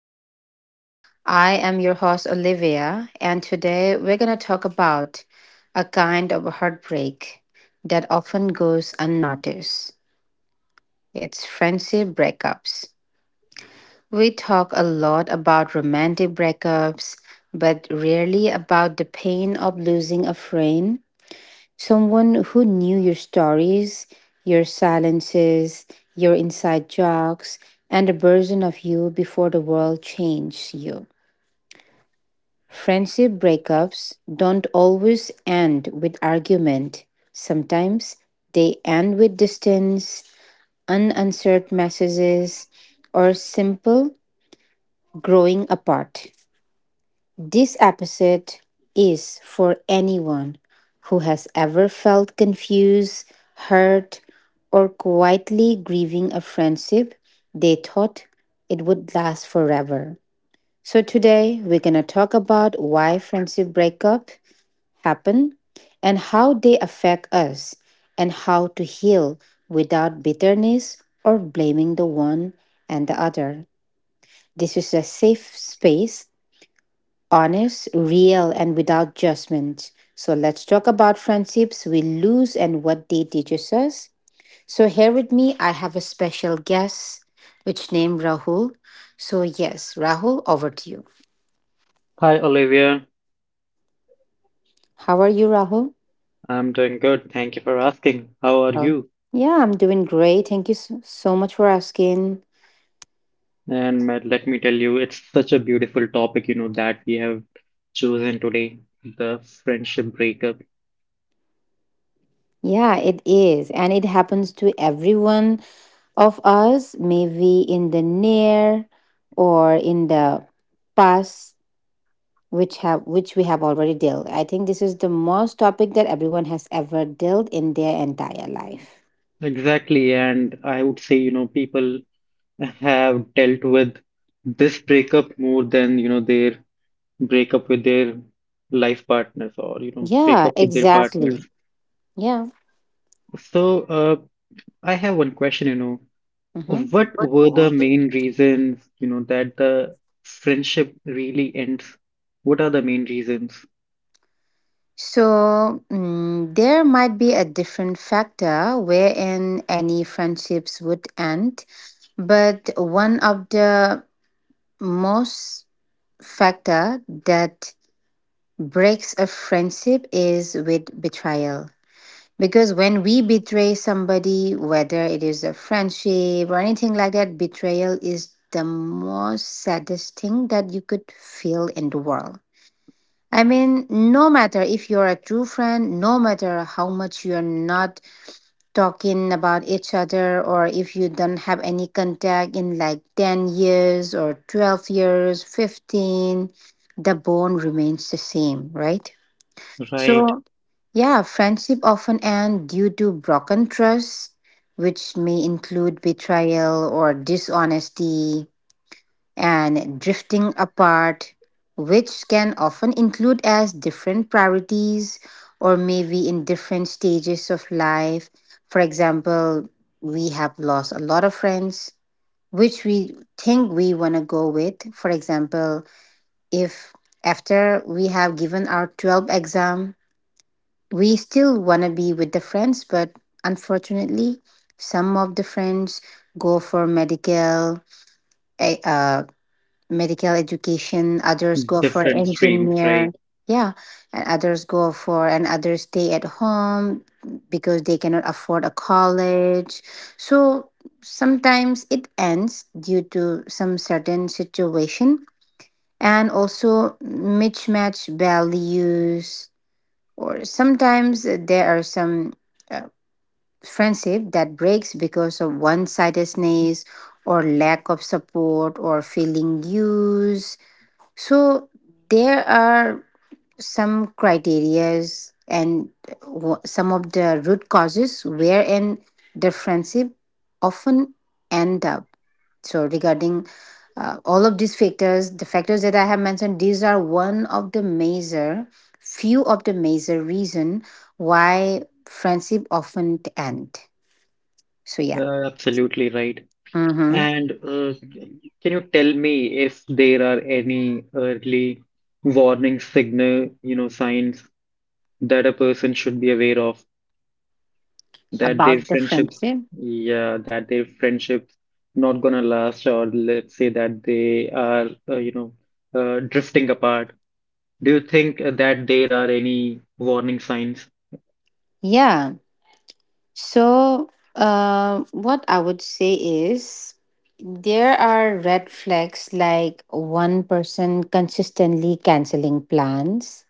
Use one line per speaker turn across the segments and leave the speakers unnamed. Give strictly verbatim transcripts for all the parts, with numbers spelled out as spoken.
Studio. I am your host, Olivia, and today we're going to talk about a kind of heartbreak that often goes unnoticed. It's friendship breakups. We talk a lot about romantic breakups, but rarely about the pain of losing a friend. Someone who knew your stories, your silences, your inside jokes, and a version of you before the world changed you. Friendship breakups don't always end with argument. Sometimes they end with distance, unanswered messages, or simple growing apart. This episode is for anyone who has ever felt confused, hurt, or quietly grieving a friendship they thought it would last forever. So today we're going to talk about why friendship breakup happen, and how they affect us, and how to heal without bitterness or blaming the one and the other. This is a safe space, honest, real, and without judgment. So let's talk about friendships we lose and what they teaches us. So here with me, I have a special guest, which named Rahul. So yes, Rahul, over to you.
Hi Olivia,
How are you, Rahul?
I'm doing good. Thank you for asking. How are
Oh.
you?
Yeah, I'm doing great. Thank you so, so much for asking.
And ma- let me tell you, it's such a beautiful topic, you know, that we have chosen today, the friendship breakup.
Yeah, it is. And it happens to everyone of us, maybe in the near or in the past which have which we have already dealt. I think this is the most topic that everyone has ever dealt in their entire life.
Exactly, and I would say, you know, people have dealt with this breakup more than, you know, their breakup with their life partners or, you know,
Yeah,
breakup with their
exactly.
partners.
Yeah.
So, uh, I have one question, you know.
hmm
What were the main reasons, you know, that the friendship really ends? What are the main reasons?
So mm, there might be a different factor wherein any friendships would end, but one of the most factor that breaks a friendship is with betrayal. Because when we betray somebody, whether it is a friendship or anything like that, betrayal is the most saddest thing that you could feel in the world. I mean, no matter if you're a true friend, no matter how much you're not talking about each other, or if you don't have any contact in like ten years or twelve years, fifteen, the bond remains the same, right?
Right,
So, yeah, friendship often end due to broken trust, which may include betrayal or dishonesty, and drifting apart, which can often include as different priorities or maybe in different stages of life. For example, we have lost a lot of friends which we think we want to go with. For example, if after we have given our twelve exam we still want to be with the friends, but unfortunately, some of the friends go for medical, eh, uh, medical education. Others go for
different streams,
engineer.
right?
Yeah, and others go for and others stay at home because they cannot afford a college. So sometimes it ends due to some certain situation and also mismatch values, or sometimes uh, there are some uh, friendship that breaks because of one-sidedness or lack of support or feeling used. So there are some criterias and wh- some of the root causes wherein the friendship often end up. So regarding uh, all of these factors, the factors that I have mentioned these are one of the major, few of the major reason why friendship often end. So yeah.
Uh, absolutely right.
Mm-hmm.
And uh, can you tell me if there are any early warning signal, you know, signs that a person should be aware of that their
About the
friendships,
friendship.
yeah, that their friendships not gonna last, or let's say that they are, uh, you know, uh, drifting apart. Do you think that there are any warning signs?
Yeah. So, uh, what I would say is there are red flags like one person consistently canceling plans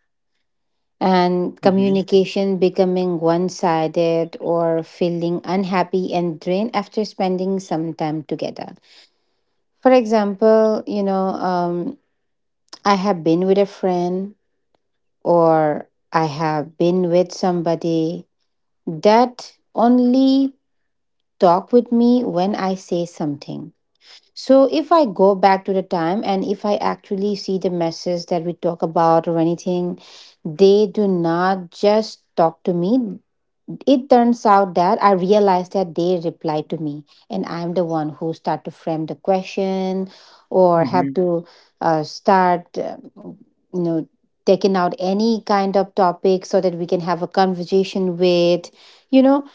and
Hmm.
communication becoming one sided or feeling unhappy and drained after spending some time together. For example, you know, um, I have been with a friend or I have been with somebody that only talk with me when I say something. So if I go back to the time and if I actually see the message that we talk about or anything, they do not just talk to me. It turns out that I realize that they reply to me and I'm the one who start to frame the question or
Hmm.
have to uh, start, uh, you know, taking out any kind of topic so that we can have a conversation with, you know.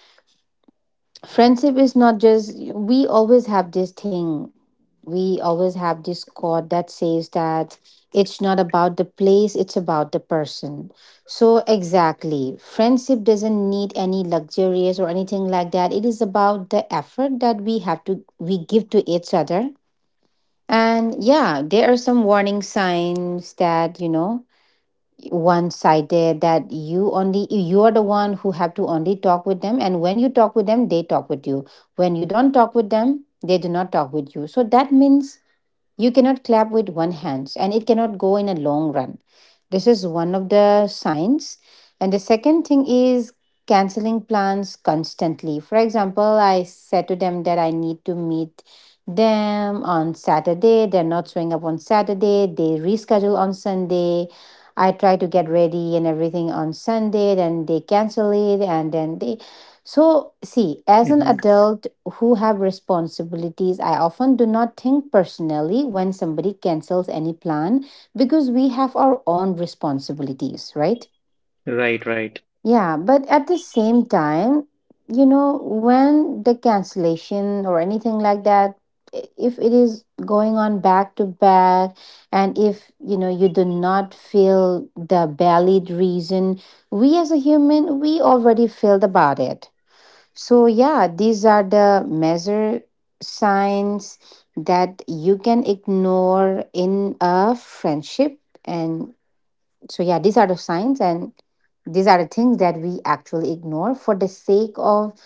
Friendship is not just we always have this thing we always have this quote that says that it's not about the place, it's about the person. So exactly, friendship doesn't need any luxurious or anything like that. It is about the effort that we have to we give to each other. And yeah, there are some warning signs, that you know, one sided, that you only you are the one who have to only talk with them, and when you talk with them they talk with you, when you don't talk with them they do not talk with you. So that means you cannot clap with one hand and it cannot go in a long run. This is one of the signs. And the second thing is canceling plans constantly. For example, I said to them that I need to meet them on Saturday. They're not showing up on Saturday. They reschedule on Sunday. I try to get ready and everything on Sunday, then they cancel it, and then they, so, see, as an
Hmm.
adult who have responsibilities, I often do not think personally when somebody cancels any plan, because we have our own responsibilities, right?
Right, right.
Yeah, but at the same time, you know, when the cancellation or anything like that, i- if it is going on back to back, and if you know you do not feel the valid reason, we as a human, we already felt about it. So, yeah, these are the measure signs that you can ignore in a friendship. And so, yeah, these are the signs and these are the things that we actually ignore for the sake of,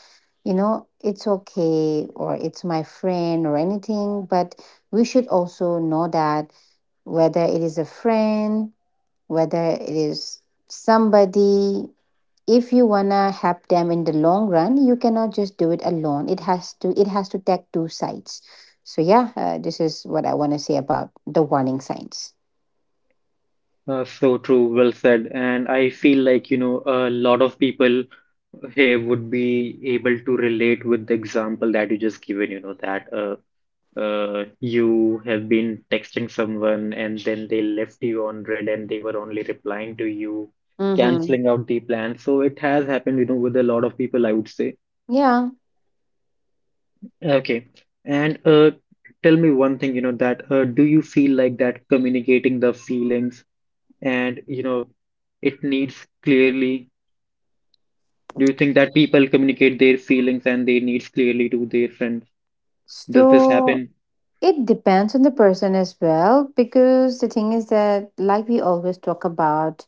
you know, it's okay or it's my friend or anything. But we should also know that whether it is a friend, whether it is somebody, if you wanna help them in the long run, you cannot just do it alone. It has to it has to take two sides. So yeah, uh, this is what I want to say about the warning signs.
Uh, so true, well said. And I feel like, you know, a lot of people here would be able to relate with the example that you just given, you know, that uh, uh, you have been texting someone and then they left you on red and they were only replying to you,
Mm-hmm.
canceling out the plan. So it has happened, you know, with a lot of people, I would say.
Yeah.
Okay. And uh, tell me one thing, you know, that uh, do you feel like that communicating the feelings and, you know, it needs clearly? Do you think that people communicate their feelings and their needs clearly to their friends? Does this
So
happen?
it depends on the person as well, because the thing is that, like, we always talk about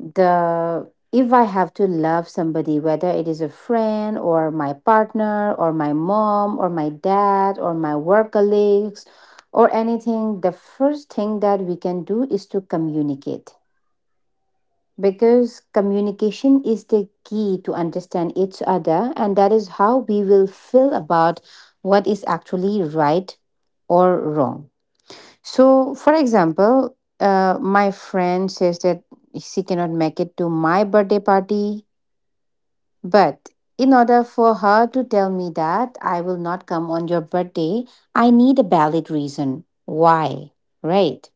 the if I have to love somebody, whether it is a friend or my partner or my mom or my dad or my work colleagues or anything, the first thing that we can do is to communicate, because communication is the key to understand each other, and that is how we will feel about what is actually right or wrong. So, for example, uh, my friend says that she cannot make it to my birthday party, but in order for her to tell me that I will not come on your birthday, I need a valid reason why, right?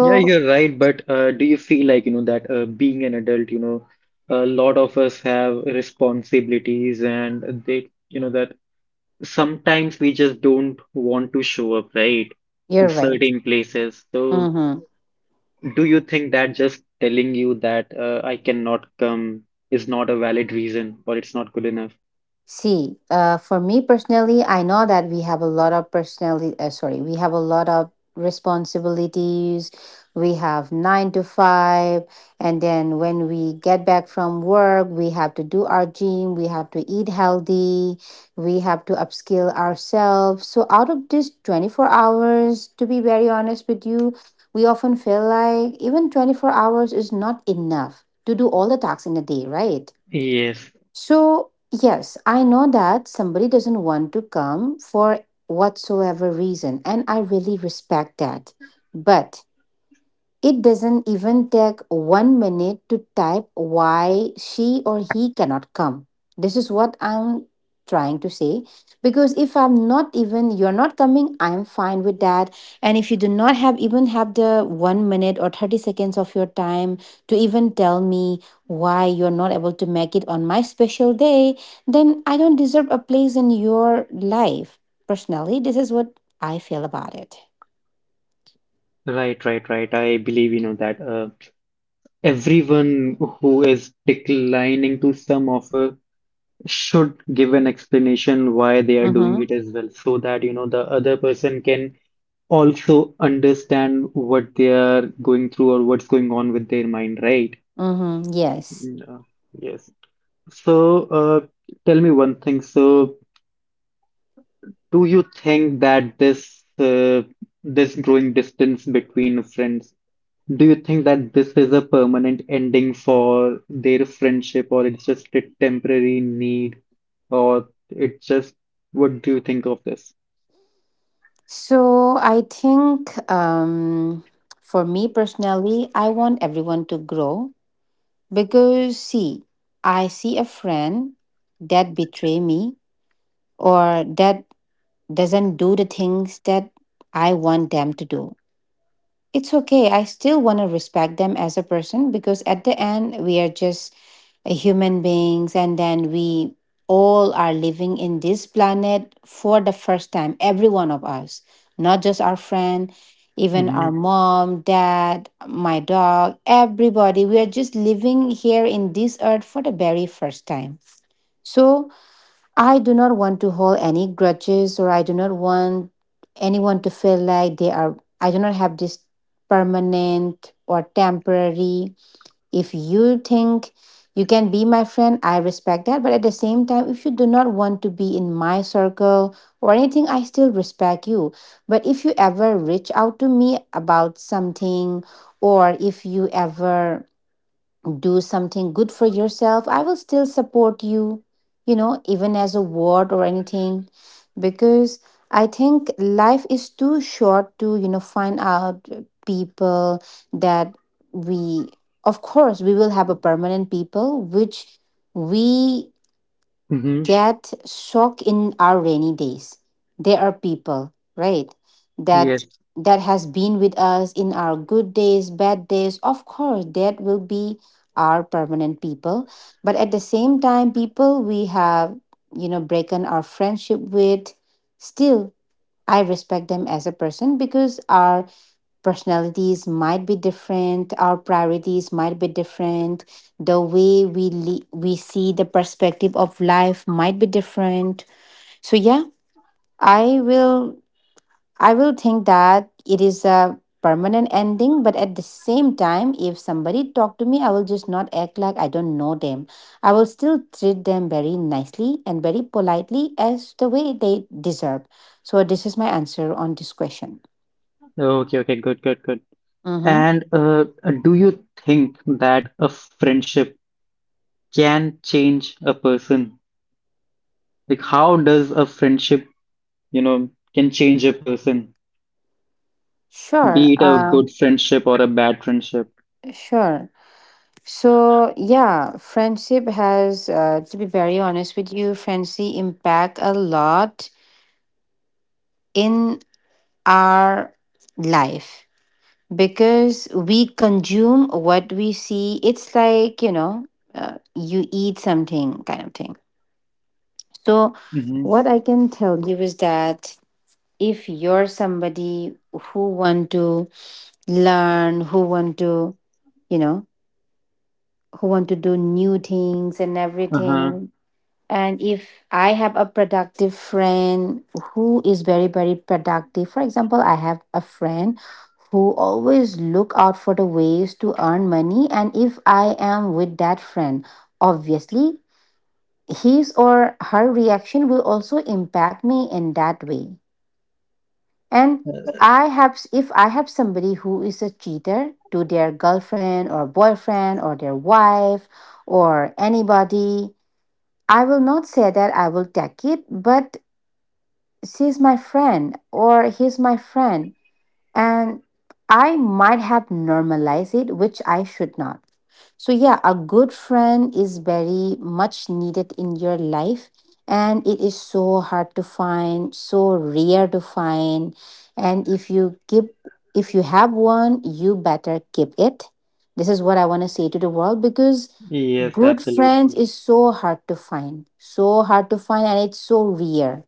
Yeah, you're right, but uh, do you feel like, you know, that uh, being an adult, you know, a lot of us have responsibilities and they, you know, that sometimes we just don't want to show up, right, to
you're right.
certain places. So
Mhm.
do you think that just telling you that uh, I cannot come is not a valid reason or it's not good enough?
See, uh, for me personally, I know that we have a lot of personality. Uh, sorry, we have a lot of responsibilities. We have nine to five, and then when we get back from work, we have to do our gym. We have to eat healthy. We have to upskill ourselves. So out of this twenty four hours, to be very honest with you, we often feel like even twenty four hours is not enough to do all the tasks in a day, right?
Yes,
So, yes, I know that somebody doesn't want to come for whatsoever reason, and I really respect that. But it doesn't even take one minute to type why she or he cannot come. This is what I'm trying to say. Because if I'm not even, you're not coming, I'm fine with that. And if you do not have even have the one minute or thirty seconds of your time to even tell me why you're not able to make it on my special day, then I don't deserve a place in your life. Personally, this is what I feel about it.
right, right, right. I believe, you know, that uh, everyone who is declining to some offer should give an explanation why they are doing
Mm-hmm.
it as well so that you know the other person can also understand what they are going through or what's going on with their mind, right?
Mm-hmm. Yes.
Yeah. Yes. So uh, tell me one thing. So do you think that this uh, this growing distance between friends, do you think that this is a permanent ending for their friendship, or it's just a temporary need, or it just what do you think of this?
So I think um, for me personally, I want everyone to grow. Because see, I see a friend that betray me or that doesn't do the things that I want them to do, it's okay. I still want to respect them as a person, because at the end, we are just uh, human beings, and then we all are living in this planet for the first time, every one of us, not just our friend, even
Mm-hmm.
our mom, dad, my dog, everybody. We are just living here in this earth for the very first time. So, I do not want to hold any grudges, or I do not want anyone to feel like they are I do not have this permanent or temporary. If you think you can be my friend, I respect that. But at the same time, if you do not want to be in my circle or anything, I still respect you. But if you ever reach out to me about something or if you ever do something good for yourself, I will still support you, you know even as a word or anything, because I think life is too short to you know find out people that we, of course, we will have a permanent people which we
Mm-hmm.
get shocked in our rainy days. There are people, right? That
Yes.
that has been with us in our good days, bad days. Of course, that will be our permanent people. But at the same time, people we have, you know, broken our friendship with, still I respect them as a person because our personalities might be different. Our priorities might be different. The way we le- we see the perspective of life might be different. So yeah, i will i will think that it is a permanent ending. But at the same time, if somebody talk to me, I will just not act like I don't know them. I will still treat them very nicely and very politely as the way they deserve. So this is my answer on this question.
Okay, okay, good, good, good.
Mm-hmm.
And uh, do you think that a friendship can change a person? Like, how does a friendship, you know, can change a person,
Sure.
be it a
Uh,
good friendship or a bad friendship?
Sure. So, yeah, friendship has, uh, to be very honest with you, friendship impact a lot in our life because we consume what we see. It's like, you know, uh, you eat something kind of thing. So,
Mm-hmm.
what I can tell you is that if you're somebody who want to learn, who want to, you know, who want to do new things and
Uh-huh.
everything. And if I have a productive friend who is very, very productive. For example, I have a friend who always look out for the ways to earn money. And if I am with that friend, obviously his or her reaction will also impact me in that way. And I have, if I have somebody who is a cheater to their girlfriend or boyfriend or their wife or anybody, I will not say that I will take it, but she's my friend or he's my friend. And I might have normalized it, which I should not. So, yeah, a good friend is very much needed in your life. And it is so hard to find, so rare to find. And if you keep, if you have one, you better keep it. This is what I want to say to the world, because
Yes,
good friends
absolutely.
is so hard to find, so hard to find, and it's so rare.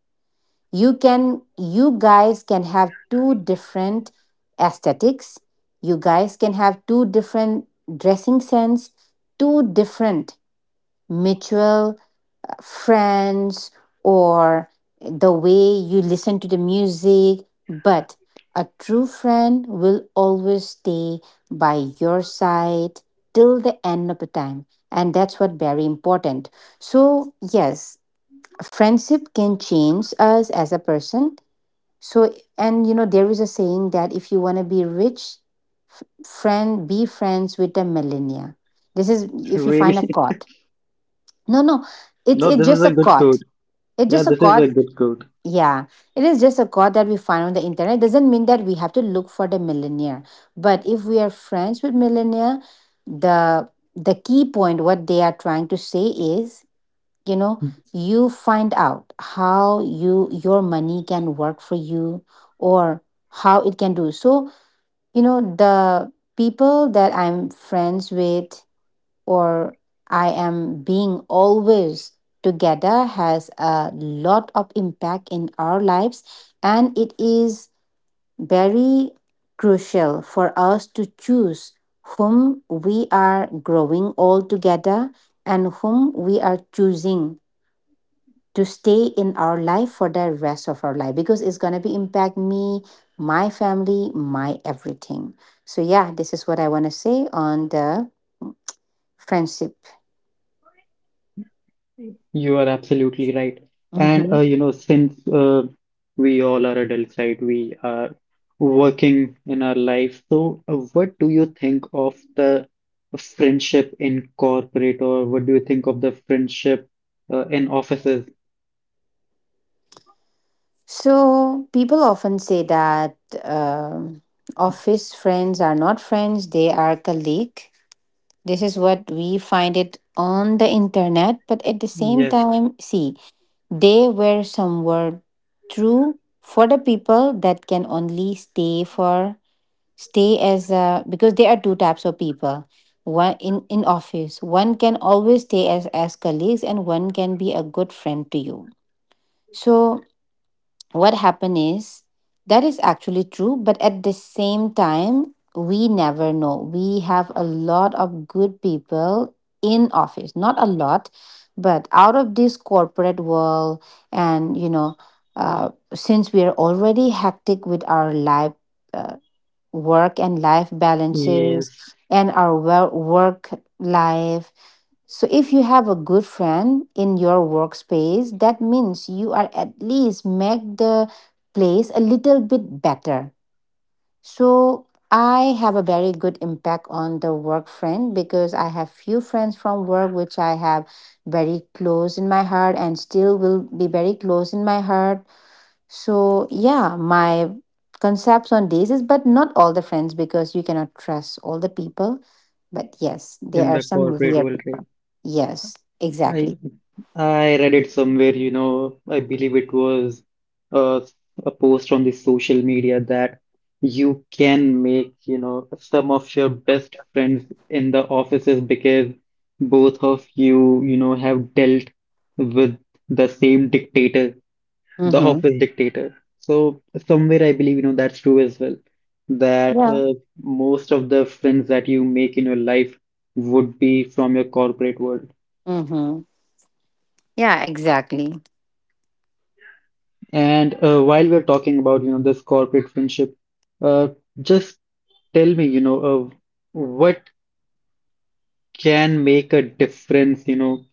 You can, you guys can have two different aesthetics. You guys can have two different dressing sense, two different mutual friends, or the way you listen to the music. But a true friend will always stay by your side till the end of the time. And that's what very important. So, yes, friendship can change us as a person. So, and you know, there is a saying that if you want to be rich, friend, be friends with a millionaire. This is if you
Really?
find a quote. No, no, it's
No,
it's
this is
just a
a good
quote.
quote.
It's
Yeah,
just a
this is a
quote.
good quote.
Yeah, it is just a quote that we find on the internet. It doesn't mean that we have to look for the millionaire. But if we are friends with millionaire, the the key point what they are trying to say is, you know, you find out how you your money can work for you, or how it can do. So, you know, the people that I'm friends with or I am being always together has a lot of impact in our lives. And it is very crucial for us to choose whom we are growing all together and whom we are choosing to stay in our life for the rest of our life, because it's going to be impact me, my family, my everything. So yeah, this is what I want to say on the friendship.
You are absolutely right. And
Mhm.
uh, you know, since uh, we all are adults, right? We are working in our life. So, uh, what do you think of the friendship in corporate, or what do you think of the friendship uh, in offices?
So people often say that um, office friends are not friends; they are colleague. This is what we find it on the internet. But at the same
Yes,
time, see, they were somewhere true for the people that can only stay for stay as a, because there are two types of people. One in in office, one can always stay as as colleagues, and one can be a good friend to you. So what happened is that is actually true, but at the same time, we never know, we have a lot of good people in office, not a lot, but out of this corporate world. And you know uh, since we are already hectic with our life, uh, work and life balances
yes,
and our work life. So, if you have a good friend in your workspace, that means you are at least make the place a little bit better. So, I have a very good impact on the work friend because I have few friends from work which I have very close in my heart and still will be very close in my heart. So, yeah, my concepts on this is, but not all the friends because you cannot trust all the people. But yes, there
in
are
the
some
corporate
weird
world, right?
people. Yes,
I
exactly.
I read it somewhere, you know, I believe it was uh, a post on the social media that you can make, you know, some of your best friends in the offices because both of you, you know, have dealt with the same dictator, the
Mm-hmm.
office dictator. So somewhere I believe, you know, that's true as well, that
Yeah.
uh, most of the friends that you make in your life would be from your corporate world.
Mm-hmm. Yeah, exactly.
And uh, while we're talking about, you know, this corporate friendship, uh, just tell me, you know, uh, what can make a difference, you know,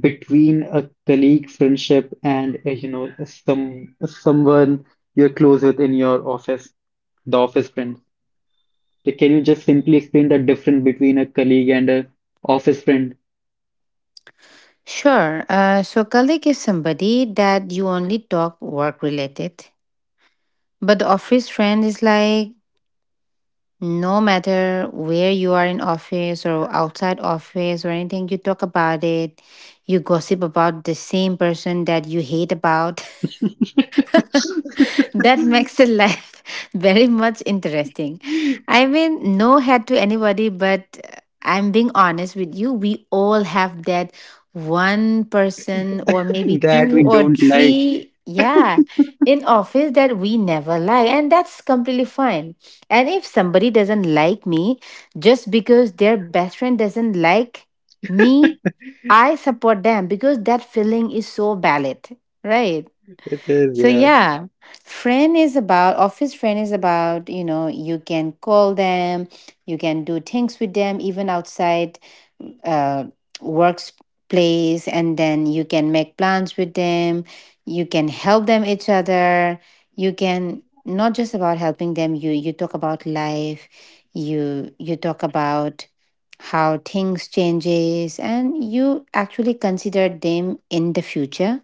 between a colleague friendship and, uh, you know, some someone you're close with in your office, the office friend. Like, can you just simply explain the difference between a colleague and a office friend
Sure. Uh, so colleague is somebody that you only talk work related, but the office friend is like, no matter where you are, in office or outside office or anything, you talk about it. You gossip about the same person that you hate about. That makes the life very much interesting. I mean, no head to anybody, but uh, I'm being honest with you. We all have that one person, or maybe two
that we
or
don't like?
three, yeah, in office that we never like. And that's completely fine. And if somebody doesn't like me just because their best friend doesn't like me, I support them because that feeling is so valid, right?
It is,
So
yeah,
yeah, friend is about office friend is about, you know, you can call them, you can do things with them even outside uh workplace, and then you can make plans with them, you can help them each other, you can not just about helping them, you you talk about life, you you talk about how things changes and you actually consider them in the future.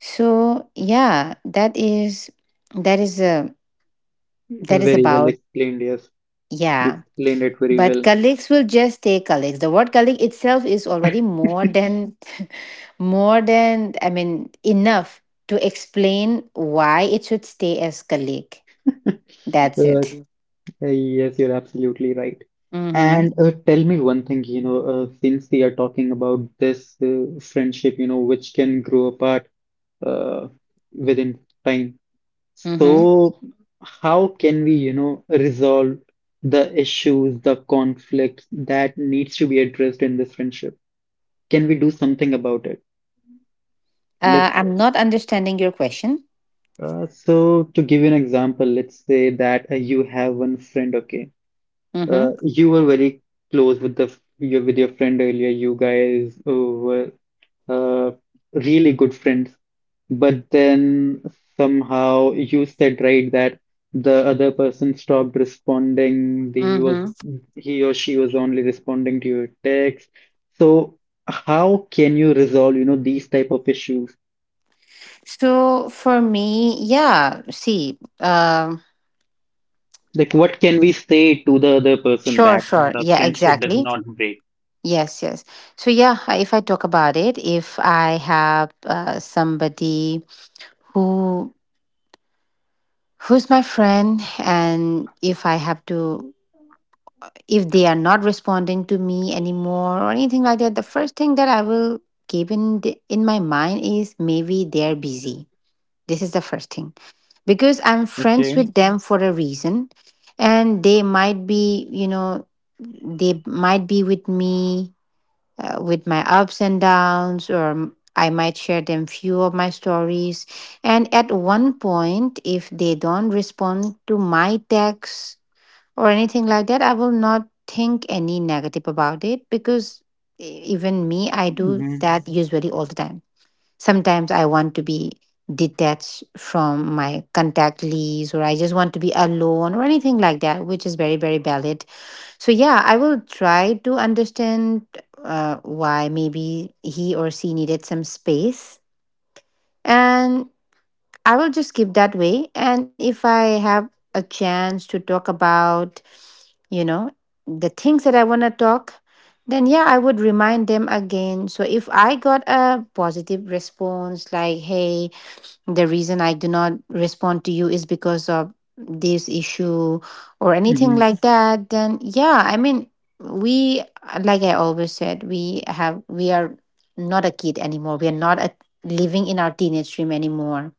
So yeah, that is that is a that is
very well
about,
explained. Yes, you
yeah.
explained it very
But
well.
colleagues will just stay colleagues. The word colleague itself is already more than more than, I mean, enough to explain why it should stay as colleague.
Uh,
That's it.
Uh, Yes, you're absolutely right.
Mm-hmm.
And uh, tell me one thing, you know, uh, since we are talking about this uh, friendship, you know, which can grow apart uh, within time.
Mm-hmm.
So, how can we, you know, resolve the issues, the conflicts that needs to be addressed in this friendship? Can we do something about it?
Uh,
Let's,
I'm not understanding your question.
uh, so to give you an example, let's say that uh, you have one friend, okay? Uh,
Mm-hmm.
you were very close with the your, with your friend earlier. You guys uh, were uh, really good friends, but then somehow you said right that the other person stopped responding. The, he was
Mm-hmm.
he or she was only responding to your text. So how can you resolve, you know, these type of issues?
So for me, yeah, see, um,
Like what can we say to the other person
sure,
that
sure.
the
Yeah,
friendship does
exactly.
not break?
Yes, yes. So yeah, I- if I talk about it, if I have uh, somebody who who's my friend, and if I have to, if they are not responding to me anymore or anything like that, the first thing that I will keep in the, in my mind is maybe they're busy. This is the first thing, because I'm friends
Okay.
with them for a reason, and they might be, you know, they might be with me, uh, with my ups and downs, or m- I might share them few of my stories, and at one point if they don't respond to my text or anything like that, I will not think any negative about it because e- even me, I do
Mm-hmm.
that usually all the time. Sometimes I want to be detached from my contact list, or I just want to be alone or anything like that, which is very very valid. So yeah, I will try to understand uh, why maybe he or she needed some space, and I will just keep that way. And if I have a chance to talk about, you know, the things that I want to talk, then yeah, I would remind them again. So if I got a positive response, like, "Hey, the reason I do not respond to you is because of this issue or anything
Mm-hmm.
like that, then yeah, I mean, we, like I always said, we have, we are not a kid anymore. We are not a, living in our teenage dream anymore.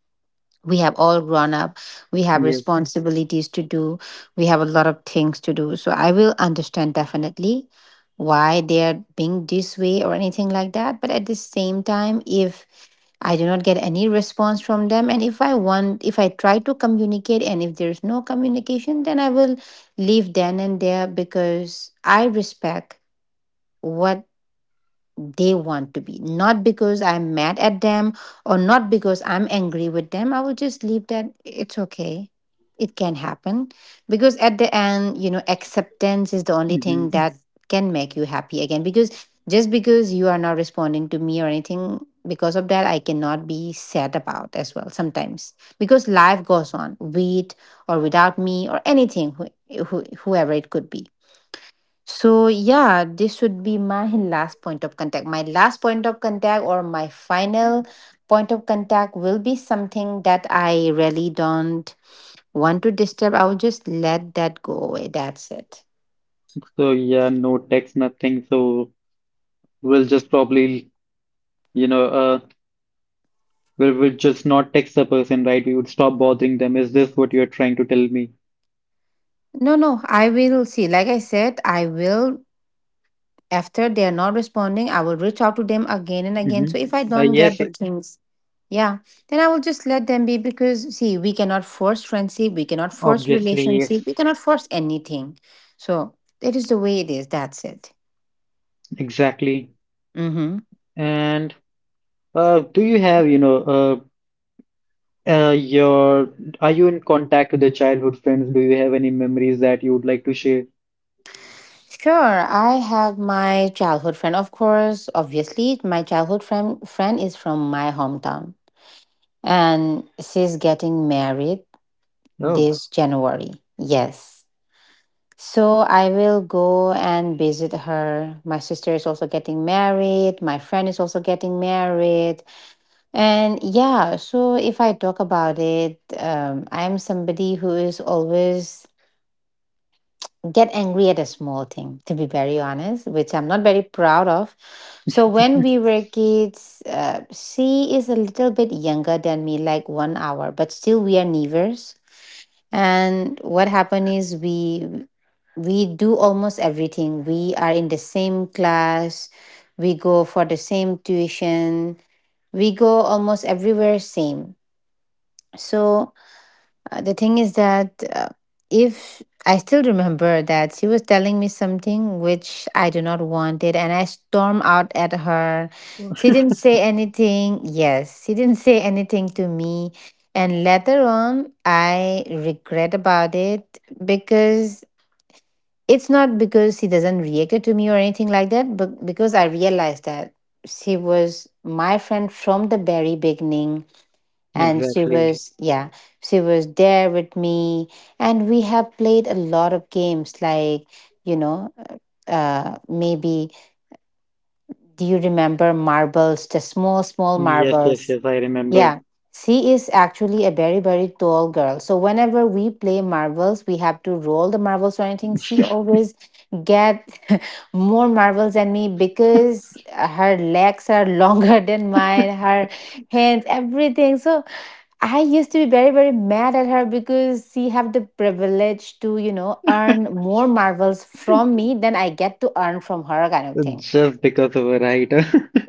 We have all grown up. We have
Yes.
responsibilities to do. We have a lot of things to do. So I will understand definitely why they are being this way or anything like that. But at the same time, if I do not get any response from them, and if I want, if I try to communicate, and if there's no communication, then I will leave then and there because I respect what they want to be, not because I'm mad at them or not because I'm angry with them. I will just leave that, it's okay, it can happen, because at the end, you know acceptance is the only thing
Mm-hmm.
that Mhm. can make you happy again, because just because you are not responding to me or anything, because of that I cannot be sad about as well sometimes, because life goes on with or without me or anything, who, who, whoever it could be. So yeah, this would be my last point of contact. My last point of contact or my final point of contact will be something that I really don't want to disturb. I will just let that go away. That's it.
So yeah, no text, nothing. So we'll just probably, you know, uh, we'll, we'll just not text the person, right? We would stop bothering them. Is this what you're trying to tell me?
No, no, I will see. Like I said, I will. After they are not responding, I will reach out to them again and again.
Mm-hmm.
So if I
Uh,
don't get
yes,
the things, yeah, then I will just let them be because, see, we cannot force friendship, we cannot force
obviously, yes,
relationship, we cannot force anything. So it is the way it is. That's it.
exactly.
Mm-hmm.
And uh, do you have, you know, uh, uh, your, are you in contact with the childhood friends? Do you have any memories that you would like to share?
Sure, I have my childhood friend. Of course, obviously, my childhood friend friend is from my hometown, and she's getting married
No.
this January. Yes. So I will go and visit her. My sister is also getting married. My friend is also getting married. And yeah, so if I talk about it, um, I'm somebody who is always get angry at a small thing, to be very honest, which I'm not very proud of. So when we were kids, uh, she is a little bit younger than me, like one hour, but still we are neighbors. And what happened is we we do almost everything. We are in the same class, we go for the same tuition, we go almost everywhere same. So uh, the thing is that uh, if I still remember that she was telling me something which I do not wanted and I storm out at her. She didn't say anything. Yes, she didn't say anything to me. And later on, I regret about it because it's not because he doesn't reacted to me or anything like that, but because I realized that she was my friend from the very beginning and she
Exactly.
was yeah, she was there with me and we have played a lot of games like you know, uh maybe do you remember marbles, the small small
Yes, yes,
marbles?
yes, I remember.
Yeah, she is actually a very, very tall girl. So whenever we play marbles, we have to roll the marbles or anything. She always get more marbles than me because her legs are longer than mine, her hands, everything. So I used to be very, very mad at her because she have the privilege to, you know, earn more marbles from me than I get to earn from her kind of thing.
Just because of a writer.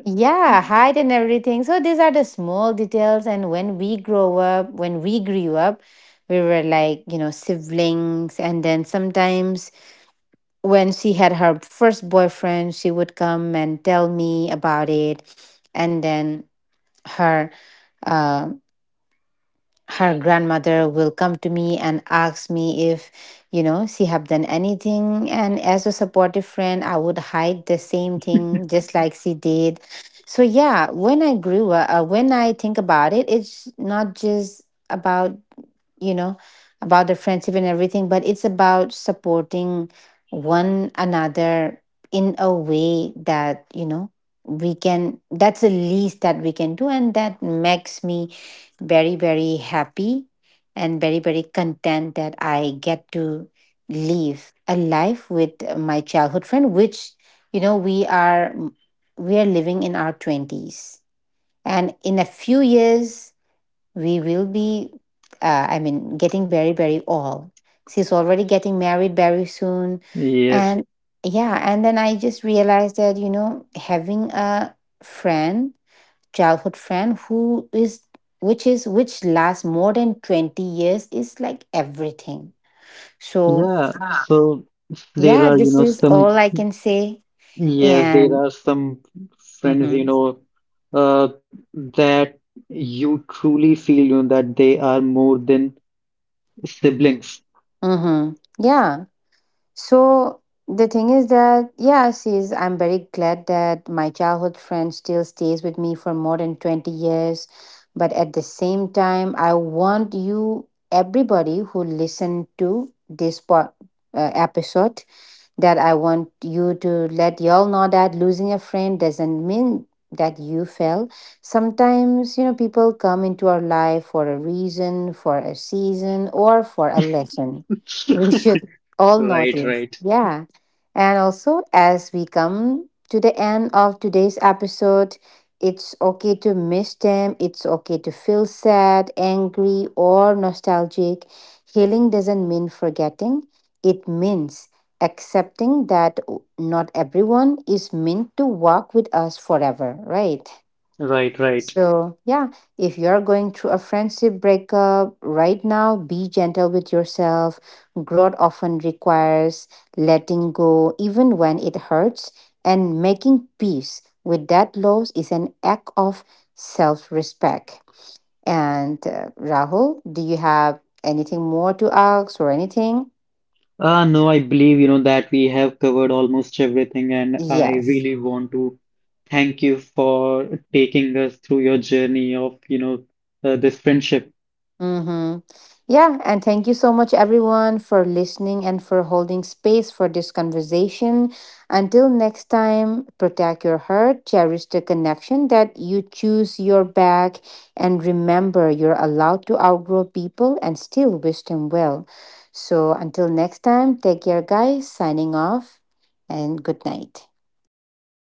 Yeah, height and everything. So these are the small details. And when we grow up, when we grew up, we were like, you know, siblings. And then sometimes when she had her first boyfriend, she would come and tell me about it. And then her uh, her grandmother will come to me and ask me if, you know, she have done anything, and as a supportive friend I would hide the same thing just like she did. So yeah, when I grew up, uh, when I think about it, it's not just about, you know, about the friendship and everything, but it's about supporting one another in a way that, you know, we can, that's the least that we can do. And that makes me very, very happy and very, very content that I get to live a life with my childhood friend, which, you know, we are we are living in our twenties, and in a few years we will be, uh, i mean getting very, very old. She's already getting married very soon,
Yes.
and yeah, and then I just realized that, you know, having a friend childhood friend who is which is which lasts more than twenty years is like everything. So
Yeah, so there
yeah,
are, you
this
know,
is all
some,
I can say.
yes, there
And
are some friends, you
mm-hmm,
know, uh, that you truly feel, you know, that they are more than siblings.
mm-hmm, yeah. So the thing is that, yeah, she's I'm very glad that my childhood friend still stays with me for more than twenty years. But at the same time, I want you, everybody who listen to this po- uh, episode, that I want you to let y'all know that losing a friend doesn't mean that you fail. Sometimes, you know, people come into our life for a reason, for a season, or for a lesson. We should all
Right,
notice.
right,
Yeah. And also, as we come to the end of today's episode, it's okay to miss them. It's okay to feel sad, angry, or nostalgic. Healing doesn't mean forgetting, it means accepting that not everyone is meant to walk with us forever, right?
right, right.
So, yeah, if you're going through a friendship breakup right now, be gentle with yourself. Growth often requires letting go, even when it hurts, and making peace with that loss is an act of self respect. And uh, Rahul, do you have anything more to ask or anything?
Ah, no, I believe, you know, that we have covered almost everything, and I
Yes.
really want to thank you for taking us through your journey of, you know, uh, this friendship.
Mm-hmm. Yeah, and thank you so much, everyone, for listening and for holding space for this conversation. Until next time, protect your heart, cherish the connection that you choose your back, and remember you're allowed to outgrow people and still wish them well. So until next time, take care, guys. Signing off, and good night.